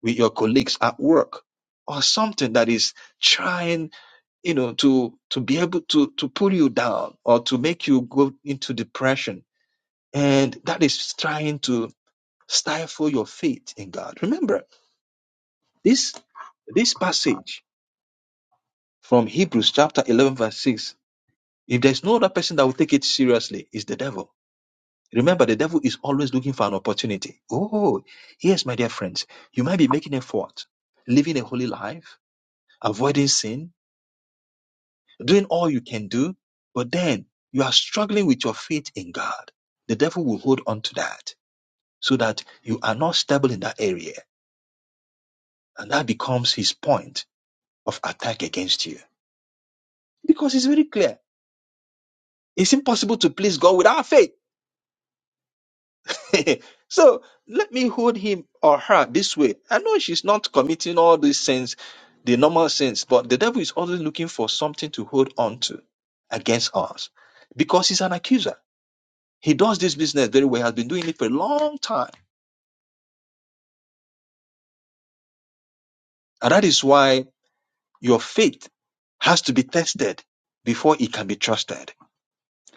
with your colleagues at work, or something that is trying you know to to be able to to pull you down or to make you go into depression and that is trying to stifle your faith in god remember this this passage from hebrews chapter 11 verse 6 if there's no other person that will take it seriously it's the devil remember the devil is always looking for an opportunity oh yes my dear friends you might be making effort living a holy life avoiding sin doing all you can do, but then you are struggling with your faith in God. The devil will hold on to that so that you are not stable in that area. And that becomes his point of attack against you. Because it's very clear. It's impossible to please God without faith. so let me hold him or her this way. I know she's not committing all these sins, the normal sins, but the devil is always looking for something to hold on to against us because he's an accuser He does this business very well, has been doing it for a long time. And that is why your faith has to be tested before it can be trusted.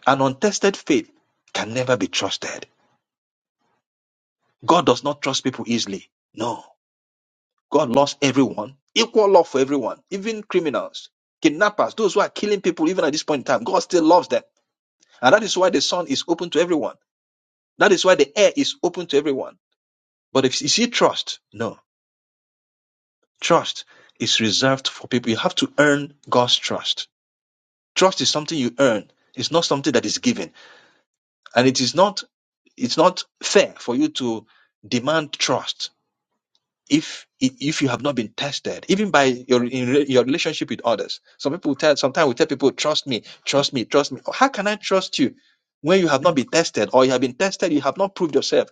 An untested faith can never be trusted. God does not trust people easily. No. God loves everyone, equal love for everyone, even criminals, kidnappers, those who are killing people even at this point in time. God still loves them. And that is why the sun is open to everyone. That is why the air is open to everyone. But if is he trust? No. Trust is reserved for people. You have to earn God's trust. Trust is something you earn. It's not something that is given. And it is not it's not fair for you to demand trust if if you have not been tested, even by your in your relationship with others. Some people will tell sometimes we tell people, trust me, trust me, trust me. How can I trust you when you have not been tested or you have been tested, you have not proved yourself?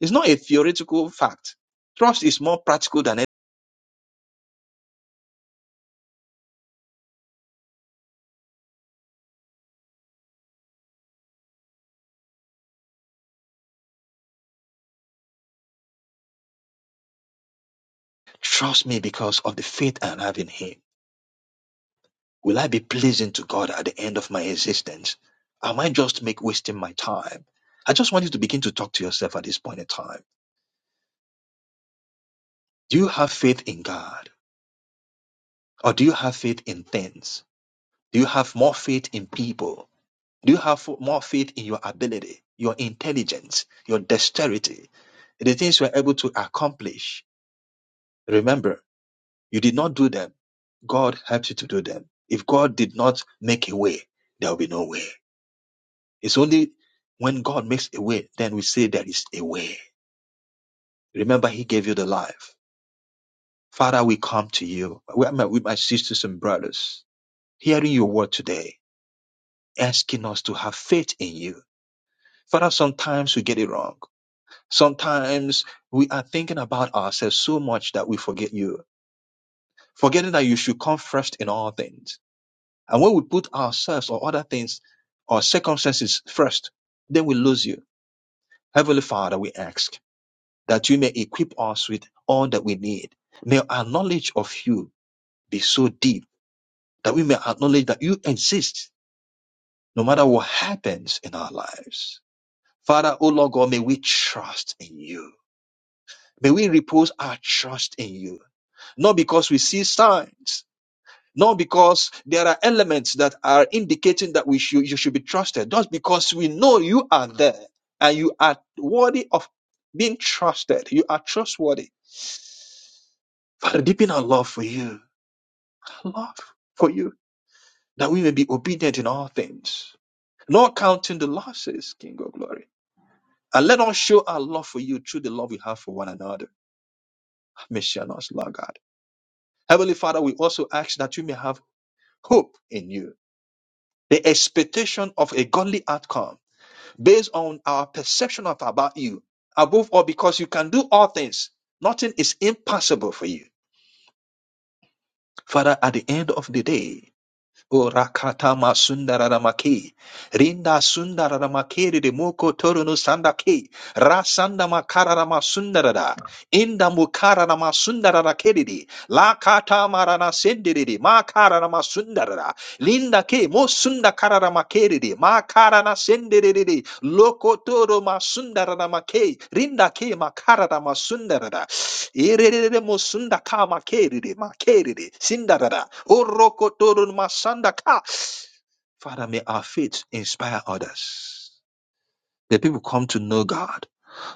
It's not a theoretical fact. Trust is more practical than it. Trust me because of the faith I have in him. Will I be pleasing to God at the end of my existence? Am I just make wasting my time? I just want you to begin to talk to yourself at this point in time. Do you have faith in God? Or do you have faith in things? Do you have more faith in people? Do you have fo- more faith in your ability, your intelligence, your dexterity, the things you are able to accomplish? Remember, you did not do them. God helped you to do them. If God did not make a way, there will be no way. It's only when God makes a way, then we say there is a way. Remember, He gave you the life. Father, we come to you with my, with my sisters and brothers, hearing your word today, asking us to have faith in you. Father, sometimes we get it wrong. Sometimes we are thinking about ourselves so much that we forget you, forgetting that you should come first in all things. And when we put ourselves or other things or circumstances first, then we lose you. Heavenly Father, we ask. that you may equip us with all that we need. May our knowledge of you be so deep that we may acknowledge that you exist no matter what happens in our lives. Father, O Lord God, may we trust in you. May we repose our trust in you, not because we see signs, not because there are elements that are indicating that we should, you should be trusted, just because we know you are there and you are worthy of being trusted. You are trustworthy. Father, deepen our love for you love for you, that we may be obedient in all things, not counting the losses, King of glory. And let us show our love for you through the love we have for one another. Messianos, Lord God. Heavenly Father, we also ask that you may have hope in you. The expectation of a godly outcome based on our perception of about you. Above all, because you can do all things. Nothing is impossible for you. Father, at the end of the day, O rakatama sundararamakei. Rinda sundararamakeri de moko toru no sandake. Rasanda makararama sundarada. Inda mukararama sundararamakeri de. La katamarana sendiri de. Makararama sundarada. Linda ke mo sunda kararamakeri de. Makarana sendiri de. Loko toro ma sundararamakei. Rinda ke makararama sundarada. Irerere mosunda ka makerere makerere sindadada. Orokotorun masanda ka. Father, may our faith inspire others. The people come to know God,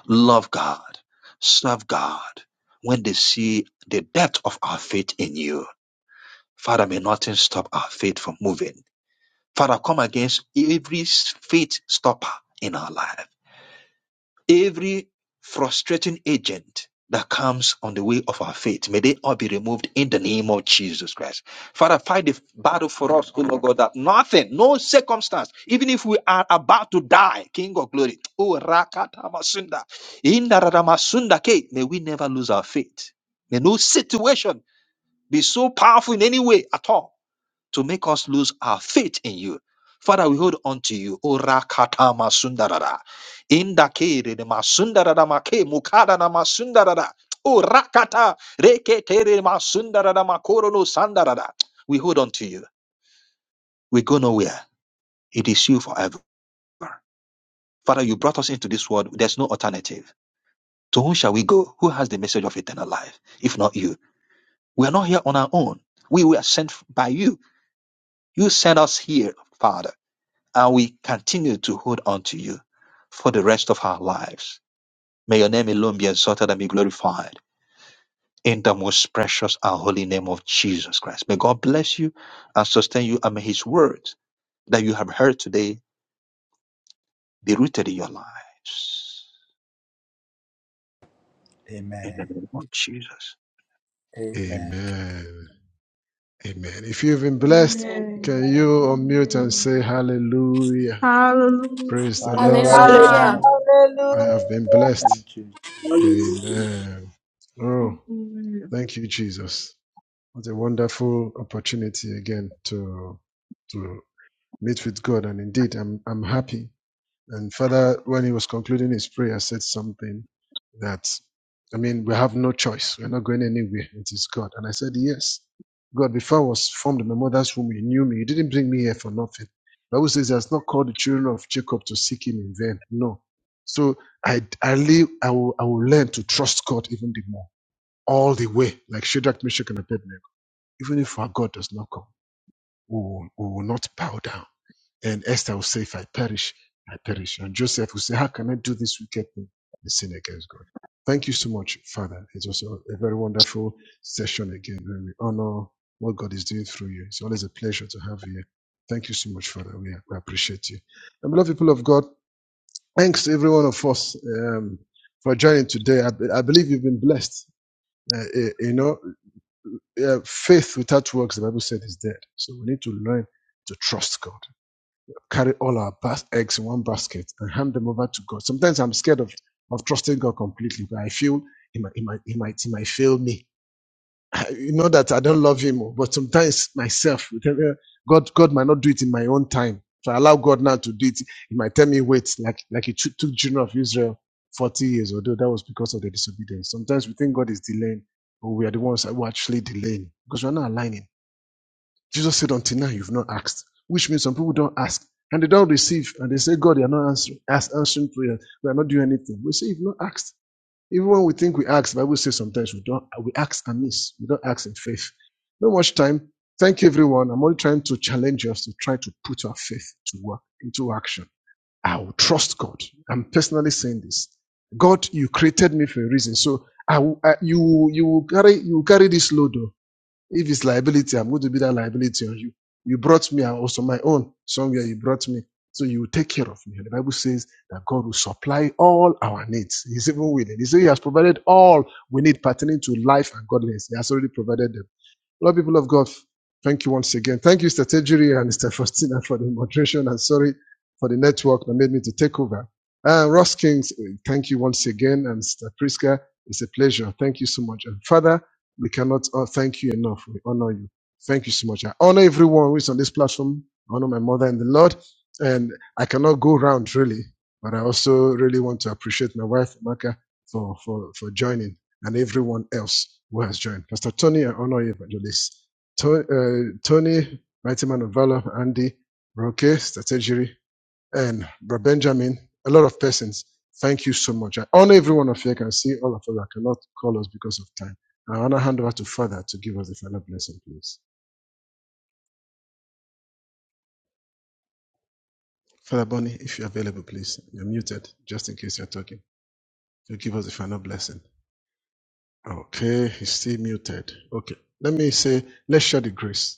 love God, serve God when they see the depth of our faith in you. Father, may nothing stop our faith from moving. Father, come against every faith stopper in our life. Every frustrating agent that comes on the way of our faith, may they all be removed in the name of Jesus Christ. Father, fight the battle for us, oh Lord God, that nothing, no circumstance, even if we are about to die, King of glory, oh Rakata Masunda, Indarada masunda Ke, may we never lose our faith. May no situation be so powerful in any way at all to make us lose our faith in you. Father, we hold on to you. Ora rakata masundarara. Inda kere de masundarara make mukada na masundarara. Ora rakata, reke tere masundarara makoro no sandarara. We hold on to you. We go nowhere. It is you forever. Father, you brought us into this world. There's no alternative. To whom shall we go? Who has the message of eternal life? If not you. We are not here on our own. We were sent by you. You sent us here, Father. and we continue to hold on to you for the rest of our lives. May your name alone be exalted and be glorified in the most precious and holy name of Jesus Christ. May God bless you and sustain you, and may His words that you have heard today be rooted in your lives. In Amen. the name of Jesus. Amen. Amen. If you've been blessed, And Amen. can you unmute and say hallelujah? Praise the Lord. Hallelujah. Hallelujah. Hallelujah. Hallelujah. hallelujah, I have been Amen. Thank- blessed. Hallelujah. Amen. Oh, Hallelujah. thank you, Jesus. What a wonderful opportunity again to to meet with God. And indeed, I'm I'm happy And Father, when he was concluding his prayer, said something that, I mean, we have no choice. We're not going anywhere. It is God. And I said, Yes. God, before I was formed in my mother's womb, He knew me. He didn't bring me here for nothing. The Bible says he has not called the children of Jacob to seek him in vain. No. So I I live, I will, I will learn to trust God even the more, all the way, like Shadrach, Meshach, and Abednego. Even if our God does not come, we will, we will not bow down and Esther will say, If I perish, I perish. And Joseph will say, How can I do this wicked thing and sin against God? Thank you so much, Father. It was a very wonderful session again, and we honor what God is doing through you. It's always a pleasure to have you here. Thank you so much, Father. We, we appreciate you. And beloved people of God, thanks to every one of us um, for joining today. I, I believe you've been blessed. Uh, eh, you know, uh, faith without works, the Bible said, is dead. So we need to learn to trust God carry all our bas- eggs in one basket and hand them over to God. Sometimes I'm scared of, of trusting God completely, but I feel he might, he might, he might, he might fail me. I, You know that I don't love him, oh, but sometimes myself, with God, God might not do it in my own time. So I allow God now to do it. He might tell me, wait, like, like he took took children of Israel 40 years, although that was because of their disobedience. Sometimes we think God is delaying, but we are the ones who are actually delaying because we're not aligning. Jesus said, Until now, you've not asked, which means some people don't ask and they don't receive. And they say, God, you're not answering, ask, answering prayer. We are not doing anything. We say, You've not asked. Even when we think we ask, the Bible says sometimes we don't, we ask amiss. We don't ask in faith. Not much time. Thank you, everyone. I'm only trying to challenge us to try to put our faith to work, into action. I will trust God. I'm personally saying this. God, you created me for a reason. So I, will- I- you, you carry, you carry this load. though." If it's liability, I'm going to be that liability on you. You brought me, and also my own. Somewhere you brought me. So you will take care of me. And the Bible says that God will supply all our needs. He's even willing. He says He has provided all we need pertaining to life and godliness. He has already provided them. Lord, people of God, thank you once again. Thank you, Mr. Tejiri and Mr. Faustina for the moderation and sorry for the network that made me to take over. Uh, Ross Kings, uh, thank you once again. And Mr. Priska, it's a pleasure. Thank you so much. And Father, we cannot uh, thank you enough. We honor you. Thank you so much. I honor everyone who is on this platform. I honor my mother and the Lord. And I cannot go round really, but I also really want to appreciate my wife, Maka, for, for, for joining and everyone else who has joined. Pastor Tony, I honor you, Evangelist. To- uh, Tony, Mighty Man of Valor, Andy, Roque, Strategery, and Bro Benjamin, a lot of persons. Thank you so much. I honor every one of you. I can see all of us. I cannot call us because of time. I want to hand over to Father to give us the final blessing, please. Father Bonnie, if you're available, please. You're muted, just in case you're talking. You give us the final blessing. Okay, he's still muted. Okay. Let me say, let's share the grace.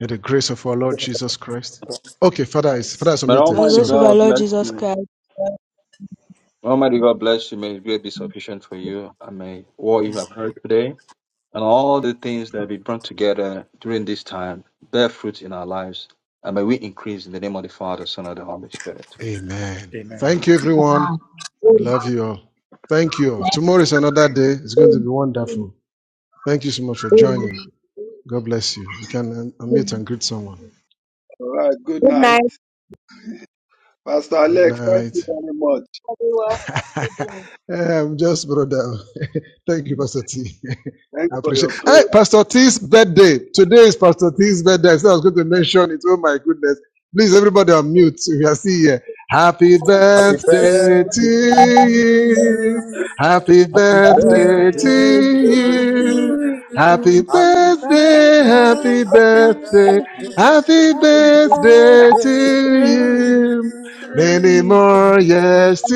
May the grace of our Lord Jesus Christ. Okay, Father is Father is May By submitted. the Almighty grace Sorry. of our God Lord bless Jesus you. Christ. May Almighty God bless you. May His grace be sufficient for you, and may what you have heard today. and all the things that we brought together during this time bear fruit in our lives. And may we increase in the name of the Father, Son, and the Holy Spirit. Amen. Amen. Thank you, everyone. Ah, Amen. Love you all. Thank you all. Next Tomorrow is another day. It's going to be wonderful. Thank you so much for Amen. Amen. joining. God bless you. You can um, unmute Amen. and greet someone. All right. Good Good night. night. Pastor Good Alex, thank you night. very much. we worship um, just brother. Thank you, Pastor T. Thanks I for your appreciate. prayer. Hey, Pastor T's birthday today is Pastor T's birthday. I said I was going to mention it. Oh my goodness! Please, everybody, on mute. If you are still here, happy Happy birthday birthday to to you. you. Happy Happy Happy birthday birthday to birthday to to you. you. Happy you. Happy Thank birthday, birthday, happy happy Birthday. birthday, birthday, Happy happy happy birthday. birthday birthday to Birthday to to you. you. you. Many more years to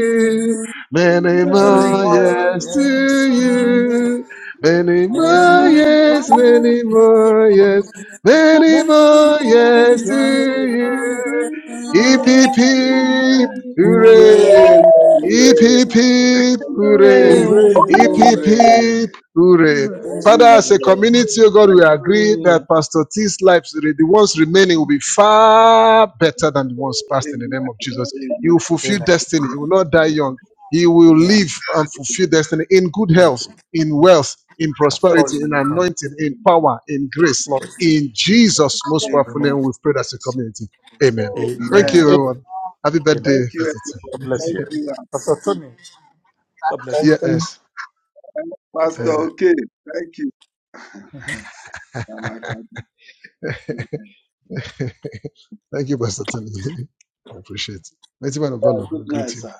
to you. Many To Amen. Every more years you. morning to to you. you. Many To Amen. more Hooray! you. years, Hooray! many more years, many Hallelujah. more years to you. Hallelujah. Hip hip Amen. hip, Hallelujah. hooray! Hooray. Hip hip Hooray. hip, hooray! Hooray! Hip Hooray! hip Amen. Hooray. hip, hooray! Hooray! Father, as a Hooray. community, oh God, we agree that hooray! Pastor T's lives, the ones remaining, will be far better than the ones You past in the Amen. name of Jesus. He Amen. will fulfill Amen. destiny. He will not die young. He will Yeah, Amen. live and fulfill destiny in good thank health, you. in wealth, in The floor prosperity, is at in the Amen. front. anointing, in power, in The grace. floor is In Jesus' most you. powerful Amen. Amen. name, we've prayed as a community. Amen. Thank Amen. you, Amen. Amen. is everyone. Happy Amen. birthday, Thank you, Pastor T. everyone. God bless Thank you. you. Pastor Aunt. Tony, God the bless you. food. Yes. God Pastor, bless you. okay. Thank you. And my family. Uh, Thank you, Pastor Tony. I appreciate it. Mighty Man of Yeah, Valor, good I night, greet you. sir.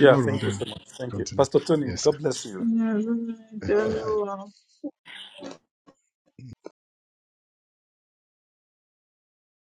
Yeah, thank you so then, much. Thank you. continue. Pastor Tony, Yes, God bless you. Yeah, hooray All sir. right.